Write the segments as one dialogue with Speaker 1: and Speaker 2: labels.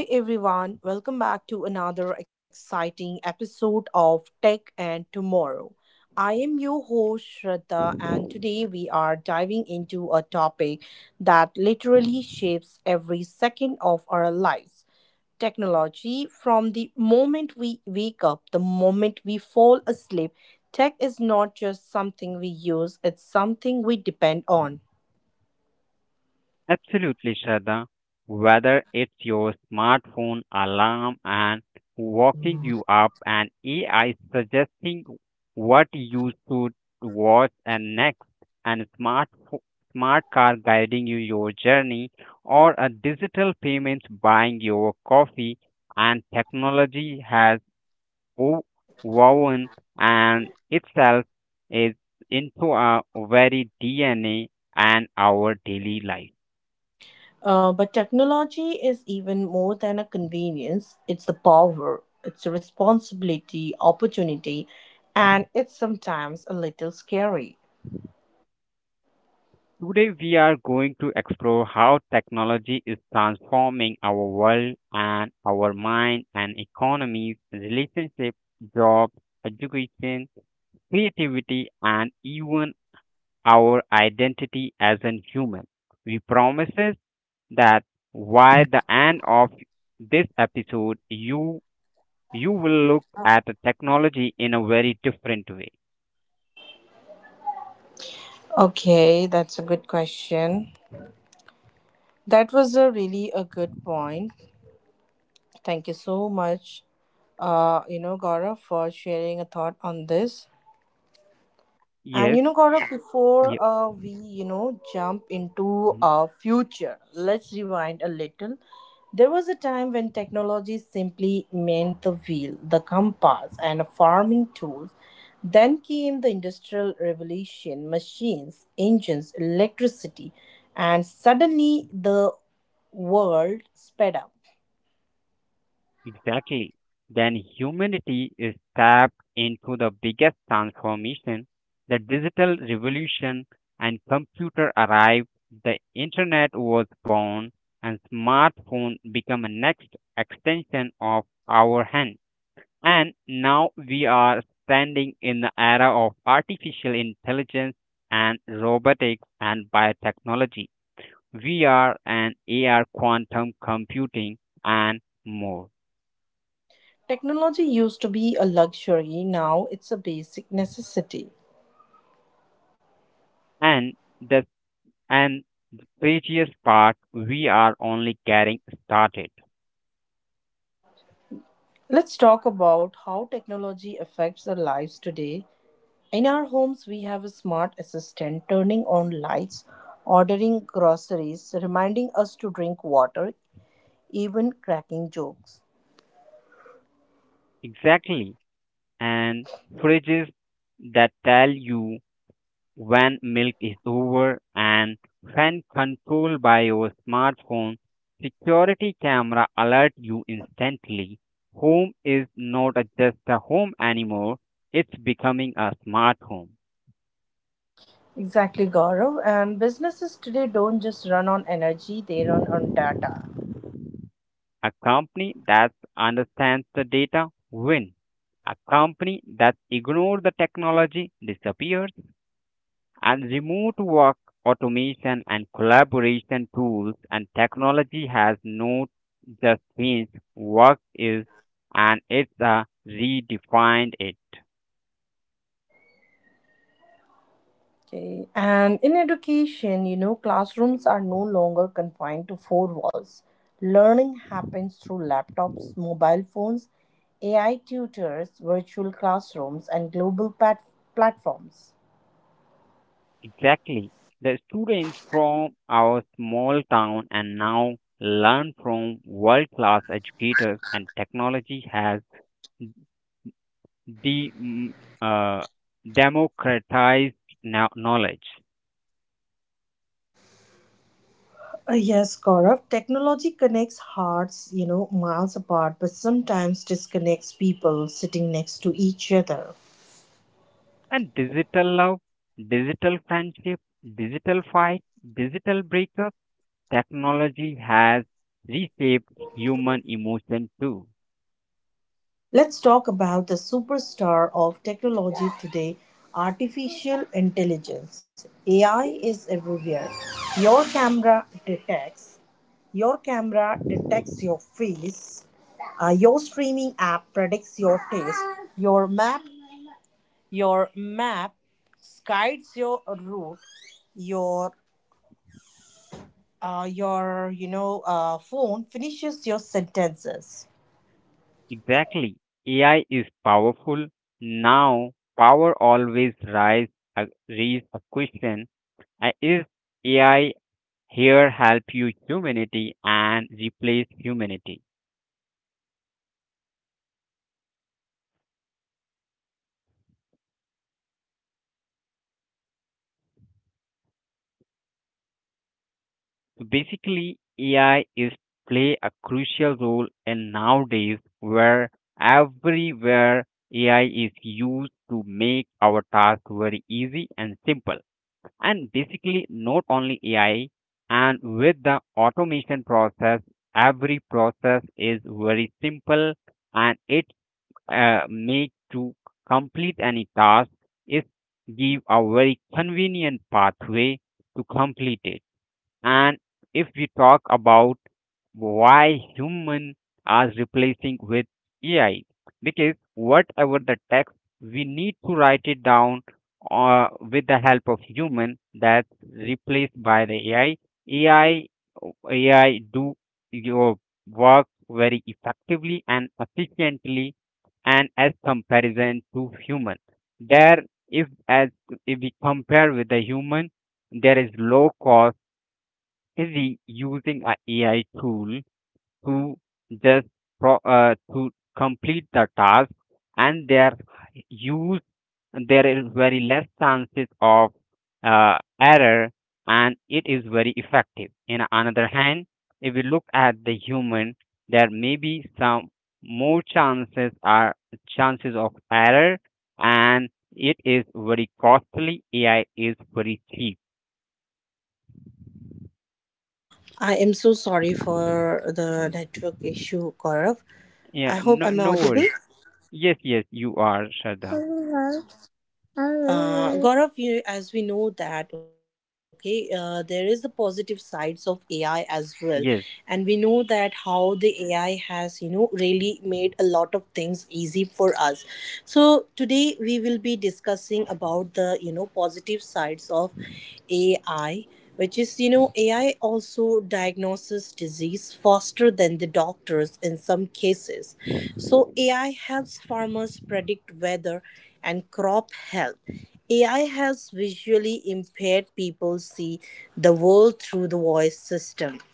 Speaker 1: Hey everyone, welcome back to another exciting episode of Tech and Tomorrow. I am your host Shraddha, and today we are diving into a topic that literally shapes every second of our lives: technology. From the moment we wake up, the moment we fall asleep. Tech is not just something we use, it's something we depend on.
Speaker 2: absolutely, Shraddha. Whether it's your smartphone alarm and waking you up, and AI suggesting what you should watch and next, and smart car guiding you your journey, or a digital payments buying your coffee, and technology has o- woven and itself is into our very DNA and our daily life.
Speaker 1: But technology is even more than a convenience. It's a power, it's a responsibility, opportunity, and it's sometimes a little scary.
Speaker 2: Today, we are going to explore how technology is transforming our world and our mind and economies, relationships, jobs, education, creativity, and even our identity as a human. We promises that by the end of this episode, you will look at the technology in a very different way.
Speaker 3: Okay, that's a good question. That was a really a good point. Thank you so much, Gaurav, for sharing a thought on this. And
Speaker 2: Yes,
Speaker 3: you know,
Speaker 2: uh,
Speaker 3: Gaurav,
Speaker 2: yeah.
Speaker 3: before we jump into our future, let's rewind a little. There was a time when technology simply meant the wheel, the compass, and farming tools. Then came the Industrial Revolution, machines, engines, electricity, and suddenly the world sped up.
Speaker 2: Exactly. Then humanity is tapped into the biggest transformation, the digital revolution, and computer arrived. The internet was born, and smartphone become a next extension of our hand. And now we are standing in the era of artificial intelligence and robotics and biotechnology, VR and AR, quantum computing, and more.
Speaker 3: Technology used to be a luxury, now it's a basic necessity.
Speaker 2: And the and craziest part, we are only getting started.
Speaker 3: Let's talk about how technology affects our lives today. In our homes, we have a smart assistant turning on lights, ordering groceries, reminding us to drink water, even cracking jokes.
Speaker 2: Exactly. And fridges that tell you when milk is over and fan controlled by your smartphone, security camera alert you instantly. Home is not a- just a home anymore, it's becoming a smart home.
Speaker 3: Exactly, Gaurav. And businesses today don't just run on energy, they run on data.
Speaker 2: A company that understands the data wins. A company that ignores the technology disappears and remote work, automation and collaboration tools and technology has not just changed work is and it's redefined it.
Speaker 3: Okay. And in education, you know, classrooms are no longer confined to four walls. Learning happens through laptops, mobile phones, AI tutors, virtual classrooms, and platforms.
Speaker 2: Exactly. The students from our small town and now learn from world class educators and technology has de- mm, uh, democratized now knowledge
Speaker 3: Yes, Gaurav, technology connects hearts, you know, miles apart, but sometimes disconnects people sitting next to each other.
Speaker 2: and digital love, digital friendship, digital fight, digital breakup. Technology has reshaped human emotion too.
Speaker 3: Let's talk about the superstar of technology today, artificial intelligence. AI is everywhere. Your camera detects your camera detects your face. Your streaming app predicts your taste. Your map your map guides your route. Your your phone finishes your sentences.
Speaker 2: Exactly. AI is powerful. Now, power always rise, raise a question. Is AI here help you humanity and replace humanity? Basically, AI is play a crucial role and nowadays where everywhere AI is used to make our task very easy and simple. And basically, not only AI and with the automation process, every process is very simple and it make to complete any task is give a very convenient pathway to complete it. And if we talk about why human are replacing with AI, because whatever the text, we need to write it down with the help of human that's replaced by the AI. AI AI do your work very effectively and efficiently and as comparison to human. There if as If we compare with the human, there is low cost is he using a AI tool to just to complete the task, and use there is very less chances of error, and it is very effective. In another hand, if we look at the human, there may be some more chances are chances of error, and it is very costly. AI is very cheap.
Speaker 3: I am so sorry for the network issue, Gaurav.
Speaker 2: Yeah,
Speaker 3: I hope
Speaker 2: no,
Speaker 3: I'm
Speaker 2: no
Speaker 3: audible.
Speaker 2: worries. Yes, yes, you are, Shraddha.
Speaker 3: Gaurav, you, as we know that, okay, there is the positive sides of AI as well. And we
Speaker 2: Yes,
Speaker 3: know that how the AI has, you know, really made a lot of things easy for us. So today we will be discussing about the, you know, positive sides of AI, which is, you know, ai also diagnoses disease faster than the doctors in some cases. So ai helps farmers predict weather and crop health. Ai helps visually impaired people see the world through the voice system.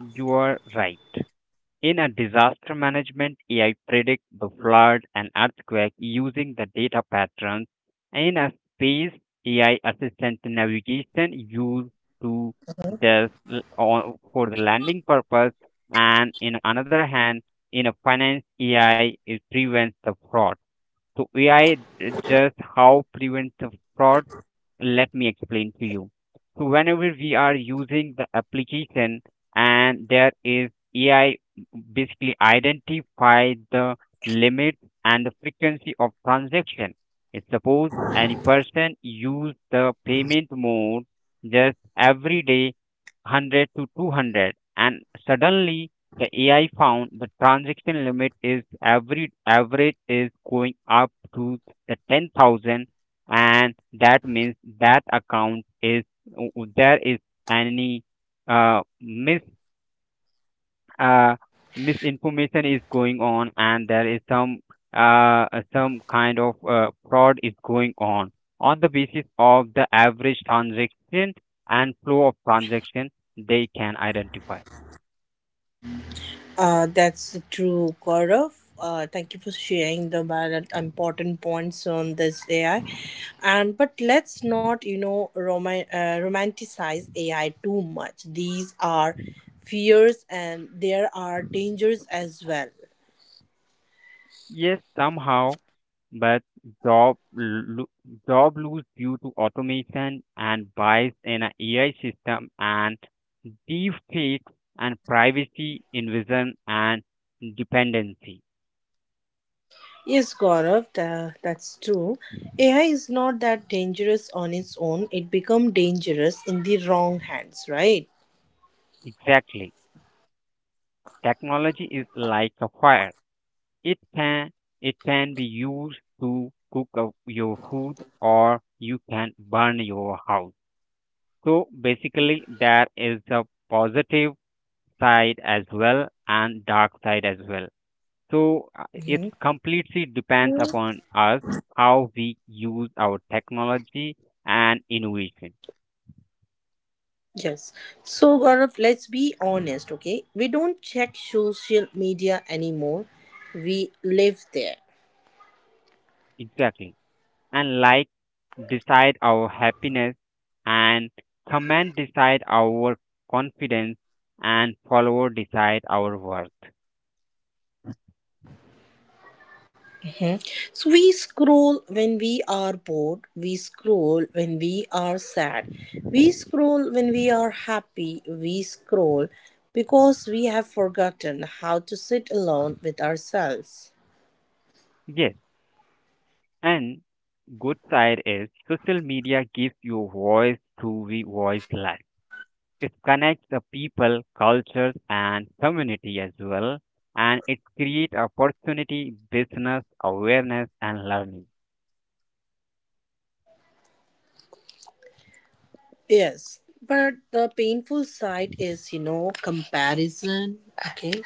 Speaker 2: you are right. In a disaster management, AI predict the flood and earthquake using the data patterns. In a space, AI assistant navigation used to for the landing purpose. And in another hand, in a finance, AI it prevents the fraud. So AI just how prevents the fraud? Let me explain to you. So whenever we are using the application and there is AI basically identify the limit and the frequency of transaction. If suppose any person use the payment mode just every day 100 to 200 and suddenly the AI found the transaction limit is every average is going up to the 10,000 and that means that account is there is any uh, mis uh, misinformation is going on and there is uh, some kind of fraud is going on the basis of the average transaction and flow of transaction they can identify.
Speaker 3: That's true, Gaurav. Thank you for sharing the valid important points on this AI. And but let's not, you know, romanticize AI too much. These are fears, and there are dangers as well.
Speaker 2: Yes, somehow, but job lo- job lose due to automation and bias in a AI system and deep fakes and privacy invasion and dependency.
Speaker 3: Yes, Gaurav, that's true. AI is not that dangerous on its own. It become dangerous in the wrong hands, right?
Speaker 2: Exactly. Technology is like a fire. It can it can be used to cook up your food or you can burn your house. So basically, there is a positive side as well and dark side as well. So it
Speaker 3: Mhm.
Speaker 2: completely depends upon us how we use our technology and innovation.
Speaker 3: Yes. So, Gaurav, let's be honest, okay? We don't check social media anymore. We live there.
Speaker 2: Exactly. And like decide our happiness and comment decide our confidence and follower decide our worth.
Speaker 3: So, we scroll when we are bored. We scroll when we are sad. We scroll when we are happy. We scroll because we have forgotten how to sit alone with ourselves.
Speaker 2: Yes. And good side is social media gives you voice to be voiceless, it connects the people, cultures, and community as well, and it creates opportunity, business, awareness, and learning.
Speaker 3: Yes. But the painful side is, you know, comparison, okay?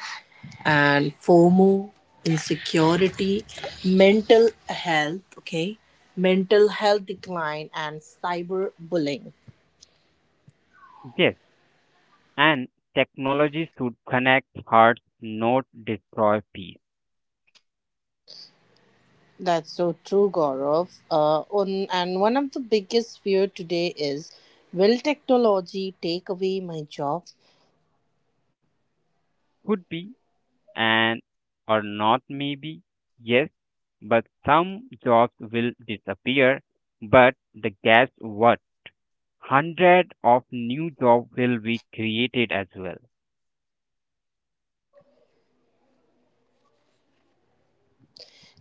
Speaker 3: And FOMO, insecurity, mental health, okay, mental health decline, and cyberbullying.
Speaker 2: Yes, and technology should connect hearts, not destroy peace.
Speaker 3: That's so true, Gaurav. And one of the biggest fear today is, will technology take away my job?
Speaker 2: Could be and or not, maybe. Yes, but some jobs will disappear. But the guess what? Hundred of new jobs will be created as well.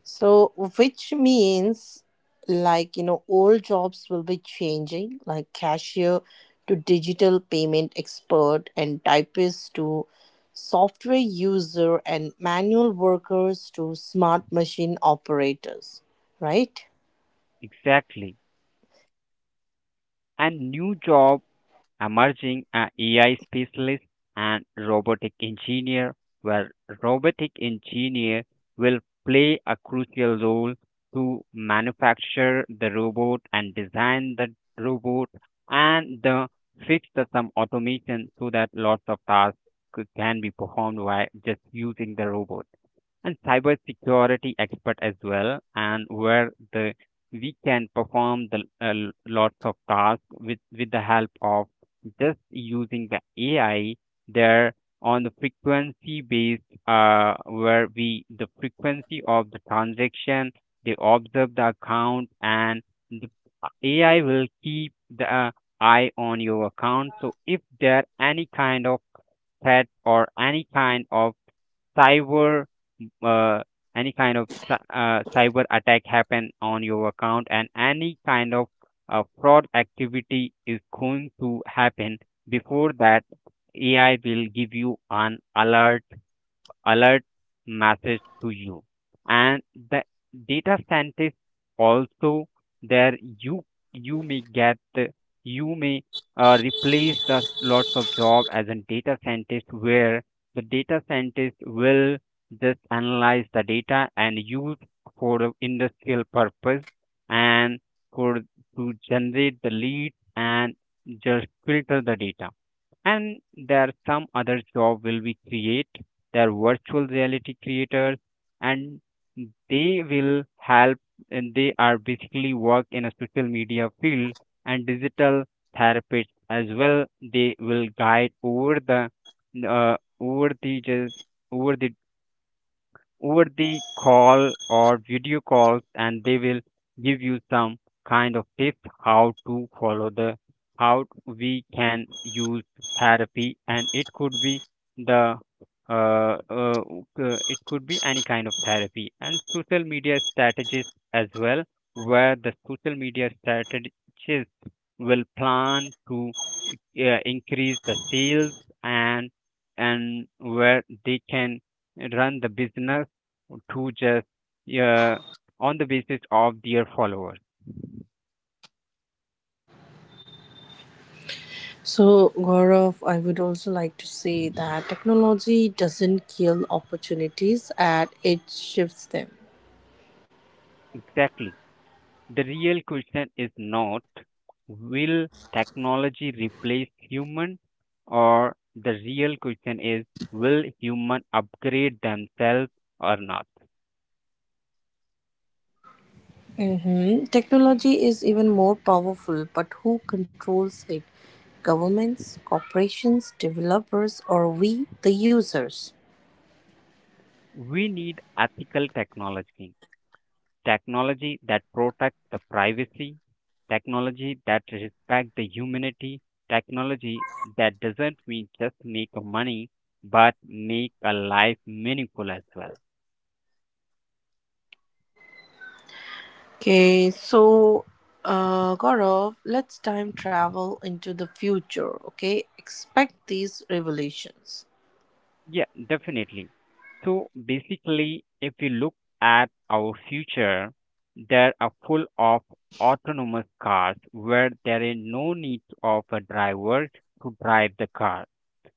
Speaker 3: So, which means, like, you know, old jobs will be changing, like cashier to digital payment expert, and typist to software user, and manual workers to smart machine operators, right?
Speaker 2: Exactly, and new job emerging a AI specialist and robotic engineer, where robotic engineer will play a crucial role to manufacture the robot and design the robot and the fix the some automation so that lots of tasks can be performed by just using the robot and cybersecurity expert as well, and where the we can perform the lots of tasks with the help of just using the AI there on the frequency based, where we the frequency of the transaction they observe the account and the AI will keep the eye on your account. So if there any kind of threat or any kind of cyber um, uh, any kind of cyber attack happen on your account and any kind of fraud activity is going to happen before that, AI will give you an alert message to you. And the data scientist also there you may get, you may replace the lots of job as a data scientist where the data scientist will just analyze the data and use for the industrial purpose and for to generate the leads and just filter the data, and there are some other job will be create their virtual reality creators and they will help, and they are basically work in a social media field and digital therapists as well. They will guide over the just over the over the call or video calls, and they will give you some kind of tips how to follow the how we can use therapy, and it could be the uh, uh, it could be any kind of therapy and social media strategies as well, where the social media strategists will plan to, yeah, increase the sales and and where they can run the business to just uh on the basis of their followers.
Speaker 3: So, Gaurav, I would also like to say that technology doesn't kill opportunities, and it shifts them.
Speaker 2: Exactly. The real question is not will technology replace human, or the real question is will human upgrade themselves or not.
Speaker 3: Mhm. Technology is even more powerful, but who controls it? Governments, corporations, developers, or we, the users?
Speaker 2: We need ethical technology, technology that protect the privacy, technology that respect the humanity, technology that doesn't mean just make a money but make a life meaningful as well.
Speaker 3: Okay, so Gaurav, let's time travel into the future. Okay, expect these revolutions.
Speaker 2: Yeah, definitely. So basically, if you look at our future, there are full of autonomous cars where there is no need of a driver to drive the car.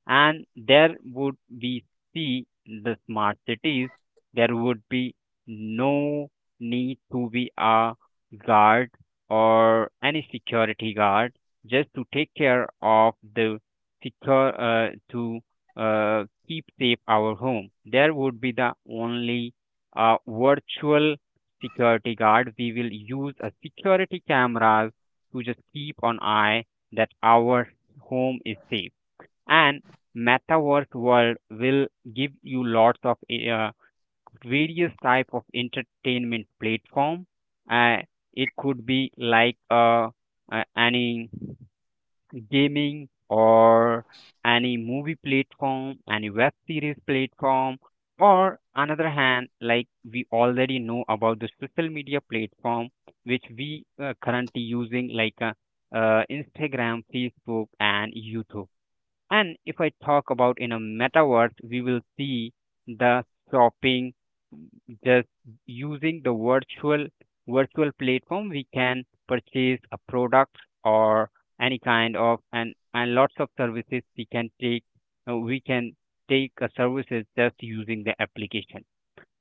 Speaker 2: And there would be, see, the smart cities. There would be no need to be a guard or any security guard just to take care of the secure to keep safe our home. There would be the only virtual security guard. We will use a security cameras to just keep an eye that our home is safe. And metaverse world will give you lots of uh, various type of entertainment platform. uh, it could be like any gaming or any movie platform, any web series platform, or another hand, like we already know about the social media platform which we currently using like Instagram, Facebook, and YouTube. And if I talk about in a metaverse, we will see the shopping just using the virtual platform. We can purchase a product or any kind of, and lots of services we can take, we can take a services just using the application.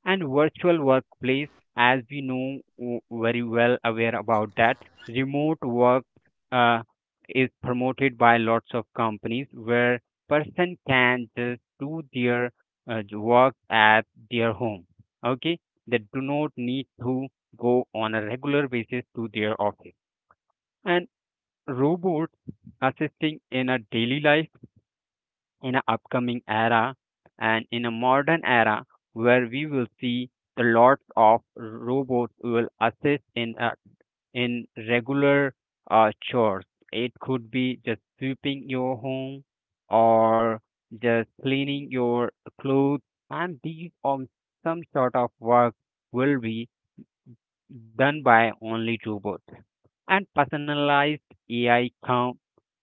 Speaker 2: And virtual workplace, as we know, very well aware about that remote work uh, is promoted by lots of companies where person can just do their work at their home. Okay, they do not need to go on a regular basis to their office. And robots assisting in a daily life in an upcoming era and in a modern era, where we will see the lots of robots will assist in regular chores. It could be just sweeping your home or just cleaning your clothes, and these some sort of work will be done by only robots. And personalized AI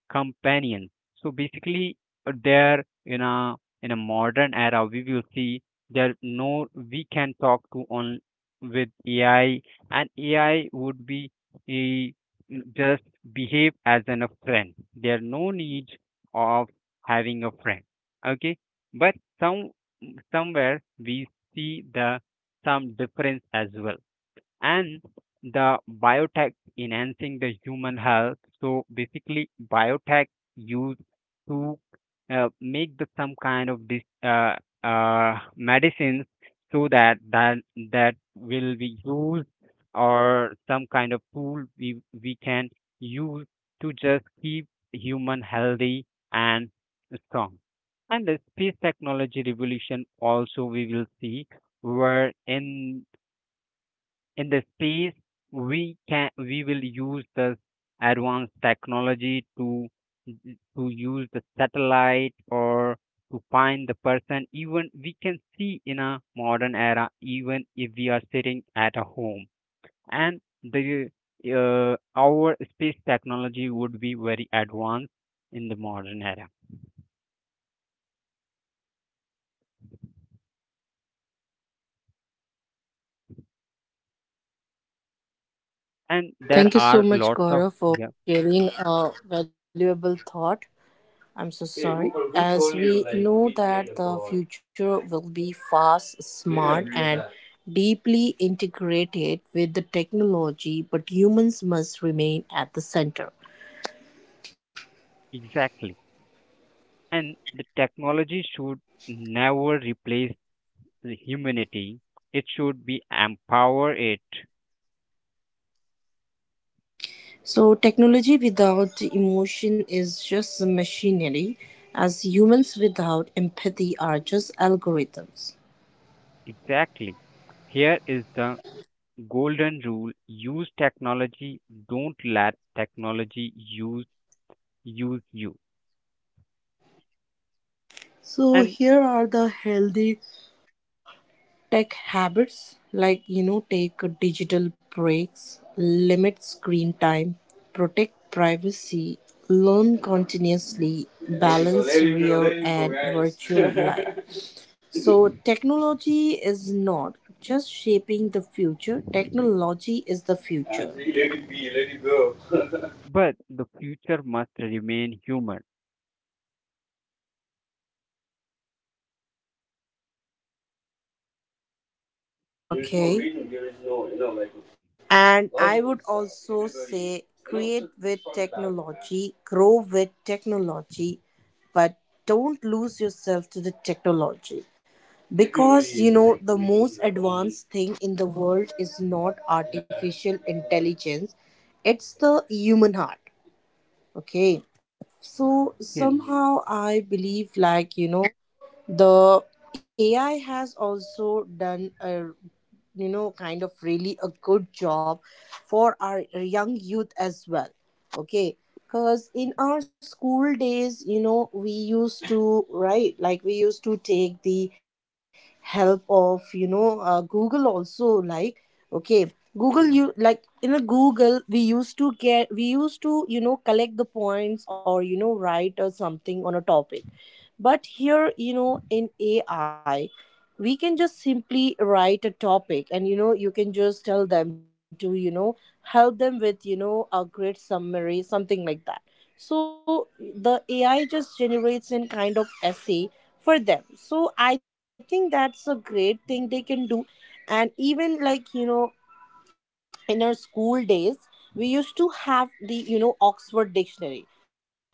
Speaker 2: companion. So basically, there in a modern era, we will see there no we can talk to on with AI, and AI would be a just behave as an a friend. There no need of having a friend. Okay, but some somewhere we see the some difference as well. And the biotech enhancing the human health. So basically, biotech used to make the some kind of this medicines so that that will be used or some kind of tool we can use to just keep human healthy and strong. And the space technology revolution also we will see where in the space we we will use the advanced technology to use the satellite or to find the person, even we can see in a modern era, even if we are sitting at a home, and the uh, our space technology would be very advanced in the modern era, and there
Speaker 3: Thank you so
Speaker 2: are
Speaker 3: much,
Speaker 2: lots of,
Speaker 3: Gaurav, for
Speaker 2: yeah,
Speaker 3: sharing a valuable thought. I'm so sorry. As we know that the future will be fast, smart, and deeply integrated with the technology, but humans must remain at the center.
Speaker 2: exactly. And the technology should never replace the humanity, it should be empower it.
Speaker 3: So, technology without emotion is just machinery, as humans without empathy are just algorithms.
Speaker 2: Exactly. Here is the golden rule, use technology, don't let technology use you.
Speaker 3: So,
Speaker 2: And
Speaker 3: here are the healthy tech habits, like, you know, take digital breaks, limit screen time, protect privacy, learn continuously, balance real and virtual life. So technology is not just shaping the future, technology is the future.
Speaker 2: but the future must remain human.
Speaker 3: Okay, and I would also say, create with technology, grow with technology, but don't lose yourself to the technology, because, you know, the most advanced thing in the world is not artificial intelligence, it's the human heart. Okay. So
Speaker 2: Yes,
Speaker 3: somehow I believe, like, you know, the ai has also done a, you know, kind of really a good job for our young youth as well. Okay, because in our school days, you know, we used to right, like, we used to take the help of, you know, google also, like, okay, google, you like, in a google we used to get, we used to, you know, collect the points or, you know, write or something on a topic. But here, you know, in AI, we can just simply write a topic and, you know, you can just tell them to, you know, help them with, you know, a great summary, something like that. So the AI just generates an kind of essay for them. So I think that's a great thing they can do. And even, like, you know, in our school days we used to have the, you know, oxford dictionary,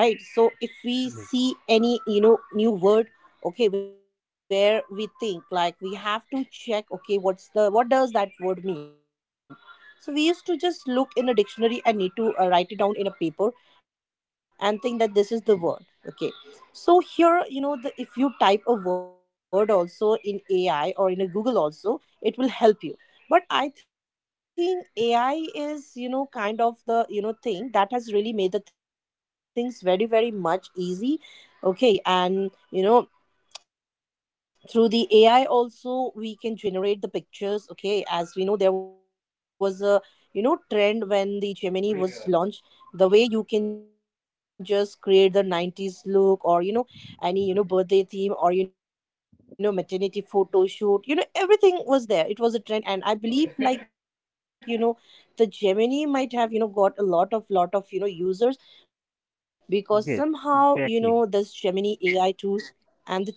Speaker 3: right? So if
Speaker 2: yes,
Speaker 3: we see any, you know, new word, okay, where we think like we have to check, okay, what's the, what does that word mean? So we used to just look in a dictionary and need to write it down in a paper, and think that this is the word, okay. So here, you know, the, if you type a word also in ai or in a google also, it will help you. But I think ai is, you know, kind of the, you know, thing that has really made the things very much easy. Okay. And, you know, through the ai also we can generate the pictures, okay, as we know there was a, you know, trend when the gemini was, yeah, launched, the way you can just create the 90s look, or, you know, any, you know, birthday theme or, you know, maternity photo shoot, you know, everything was there, it was a trend, and I believe like, you know, the gemini might have, you know, got a lot of you know users, because
Speaker 2: yes,
Speaker 3: somehow, you
Speaker 2: exactly.
Speaker 3: know, this gemini ai tool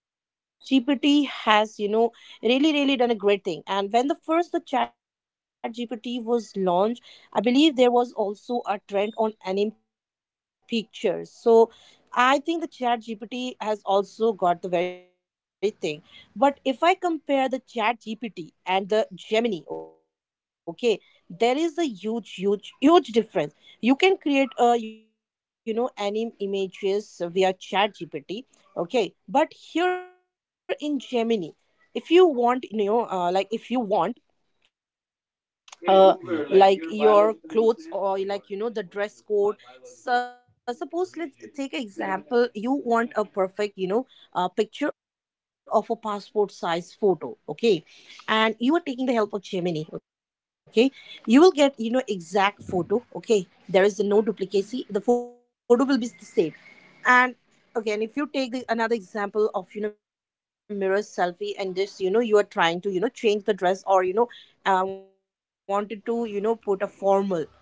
Speaker 3: and the chat gpt has, you know, really done a great thing. And when the first the chat gpt was launched, I believe there was also a trend on anime pictures, so I think the chat gpt has also got the very thing. But if I compare the chat gpt and the gemini, okay, there is a huge difference. You can create a, you know, anime images via chat gpt, okay, but here in gemini, if you want, you know, like if you want uh,
Speaker 2: Yes,
Speaker 3: like your clothes or, like, you know, the dress code. So suppose, let's take example, you want a perfect, you know, picture of a passport size photo, okay, and you are taking the help of gemini, okay, you will get, you know, exact photo, okay, there is no duplicacy, the photo will be the same. And again, if you take the another example of, you know, mirror selfie, and this, you know, you are trying to, you know, change the dress or, you know, wanted to, you know, put a formal,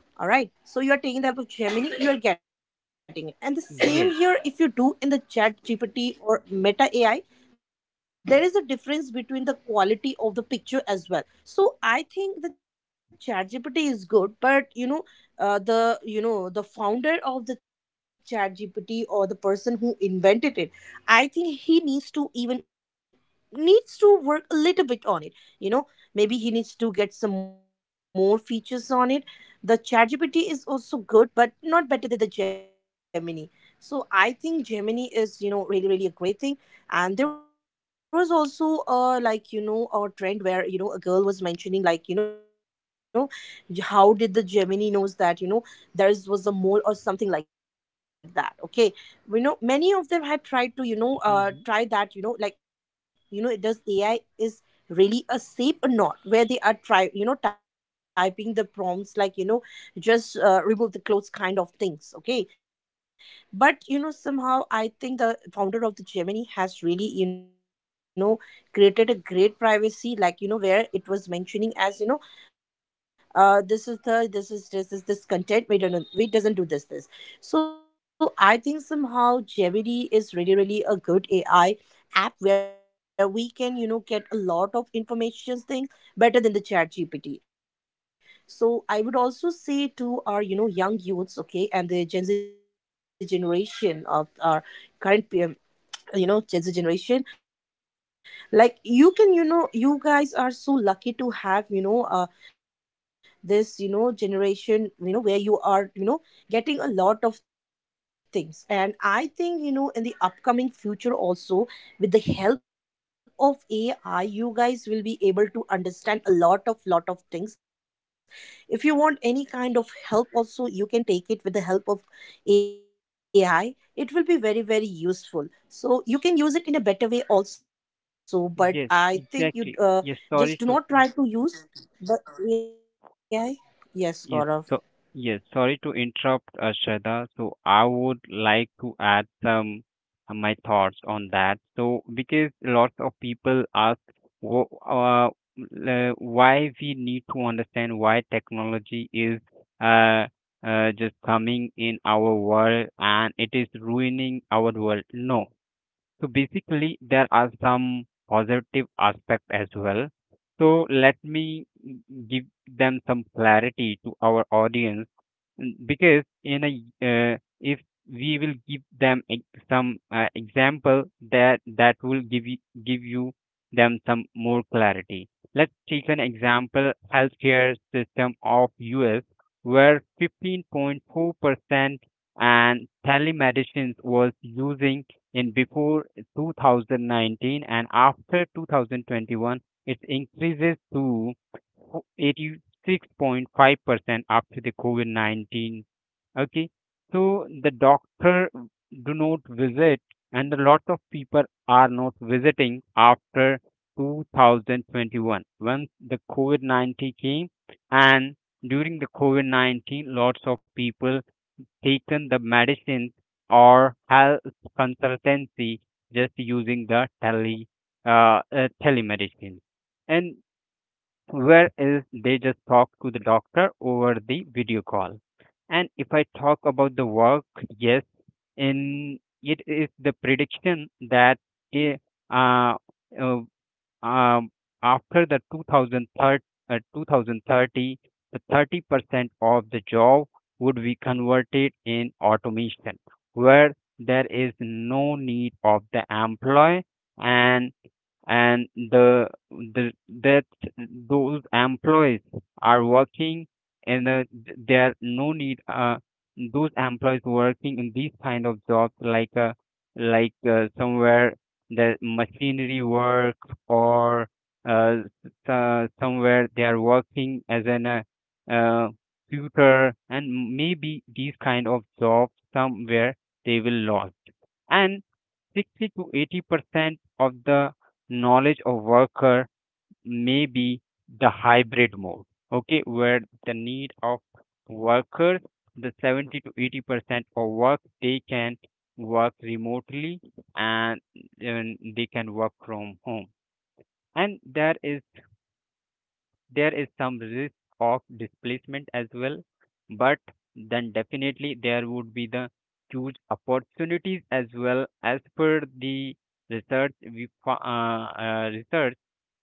Speaker 3: all right, so you are taking the help of gemini, you are getting it, and the same
Speaker 2: yes,
Speaker 3: here if you do in the chat gpt or meta ai, there is a difference between the quality of the picture as well. So I think the ChatGPT is good, but, you know, the, you know, the founder of the ChatGPT, or the person who invented it, I think he needs to even needs to work a little bit on it, you know, maybe he needs to get some more features on it. The ChatGPT is also good but not better than the gemini. So I think Gemini is, you know, really, really a great thing. And there was also a, like, you know, a trend where, you know, a girl was mentioning like, you know, how did the Gemini knows that, you know, there is was a mole or something like that. Okay. You know, many of them had tried to, you know,
Speaker 2: mhm,
Speaker 3: uh, try that, you know, like, you know, does AI is really a safe or not, where they are try, you know, typing the prompts like, you know, just remove the clothes kind of things, okay. But you know somehow I think the founder of the gemini has really, you know, created a great privacy, like, you know, where it was mentioning as, you know, this is the, this is, this is this content we don't know, we doesn't do this this. So I think somehow gemini is really really a good ai app where we can, you know, get a lot of information things, better than the chat gpt. So I would also say to our, you know, young youths, okay, and the gen z generation of our current, you know, Gen Z generation, like, you can, you know, you guys are so lucky to have, you know, this, you know, generation, you know, where you are, you know, getting a lot of things. And I think, you know, in the upcoming future also, with the help of ai, you guys will be able to understand a lot of things. If you want any kind of help also, you can take it with the help of ai, it will be very useful. So you can use it in a better way also. But
Speaker 2: yes,
Speaker 3: I think you,
Speaker 2: exactly. Yes,
Speaker 3: just do
Speaker 2: sorry to.
Speaker 3: not try to use the ai. Yes Gaurav,
Speaker 2: Yes. So, yes, sorry to interrupt. So I would like to add some
Speaker 3: no issues.
Speaker 2: my thoughts on that. So because lots of people ask wh- uh, why we need to understand why technology is uh, just coming in our world, and it is ruining our world. No, so basically, there are some positive aspect as well. So let me give them some clarity to our audience. Because in a if we will give them some example that will give you them some more clarity. Let's take an example, healthcare system of us, where 15.4% and telemedicine was using in before 2019, and after 2021 it increases to 6.5% after the COVID-19. Okay, so the doctor do not visit, and a lot of people are not visiting after 2021 when the COVID-19 came, and during the COVID-19, lots of people taken the medicines or health consultancy just using the telemedicine, and whereas they just talk to the doctor over the video call. And if I talk about the work, yes, in it is the prediction that i- uh, uh, um, after the 2030, the 30% of the job would be converted in automation, where there is no need of the employee, and and the that those employees are working, and there are no need those employees working in these kind of jobs like somewhere the machinery work or uh, somewhere they are working as an uh, tutor, and maybe these kind of jobs somewhere they will lose, and 60 to 80% of the knowledge of worker may be the hybrid mode. Okay, where the need of workers, the 70 to 80% of work they can work remotely, and, and they can work from home, and there is some risk of displacement as well, but then definitely there would be the huge opportunities as well, as per the research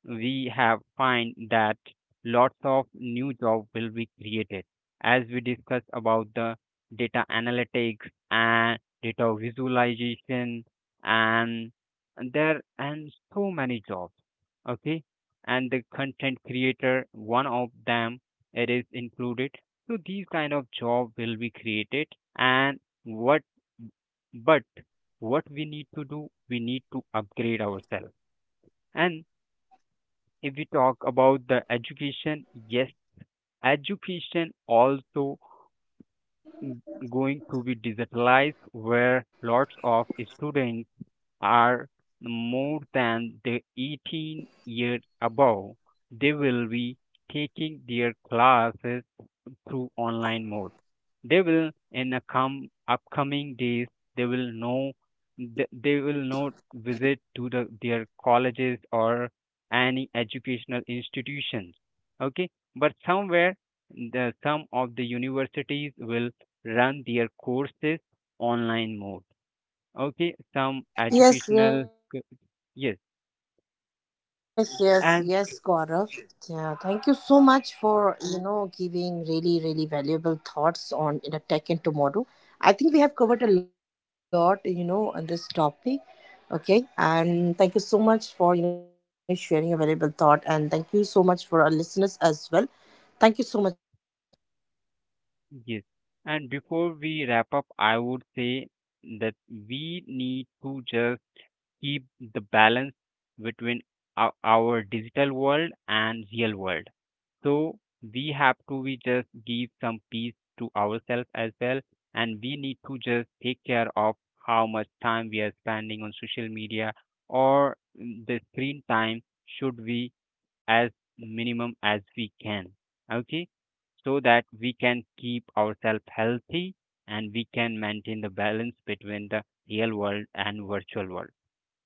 Speaker 2: we have find that lots of new job will be created, as we discussed about the data analytics and data visualization, and and there and so many jobs. Okay, and the content creator one of them, it is included, so these kind of job will be created. And what but what we need to do, we need to upgrade ourselves. And if we talk about the education, yes, education also mm, going to be digitalized, where lots of students are more than the 18-year above. They will be taking their classes through online mode. They will, in the come upcoming days, they will know, they will not visit to the their colleges or any educational institutions. Okay, but somewhere the some of the universities will run their courses online mode. Okay, some
Speaker 3: Yes, yes,
Speaker 2: educational c-
Speaker 3: yes, yes,
Speaker 2: yes,
Speaker 3: Gaurav. Yeah, thank you so much
Speaker 2: and
Speaker 3: for, you know, giving really, really valuable thoughts on the tech and tomorrow. I think we have covered a lot, you know, on this topic. Okay, and thank you so much for, you know, sharing a valuable thought, and thank you so much for our listeners as well. Thank you so much, Gaurav.
Speaker 2: yes, and before we wrap up, I would say that we need to just keep the balance between our digital world and real world. So we have to we just give some peace to ourselves as well, and we need to just take care of how much time we are spending on social media or the screen time should be as minimum as we can. Okay, so that we can keep ourselves healthy and we can maintain the balance between the real world and virtual world.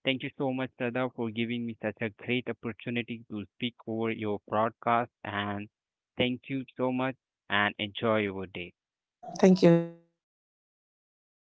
Speaker 2: Thank you so much, Sada, for giving me such a great opportunity to speak over your broadcast. And thank you so much and enjoy your day.
Speaker 3: Thank you चलो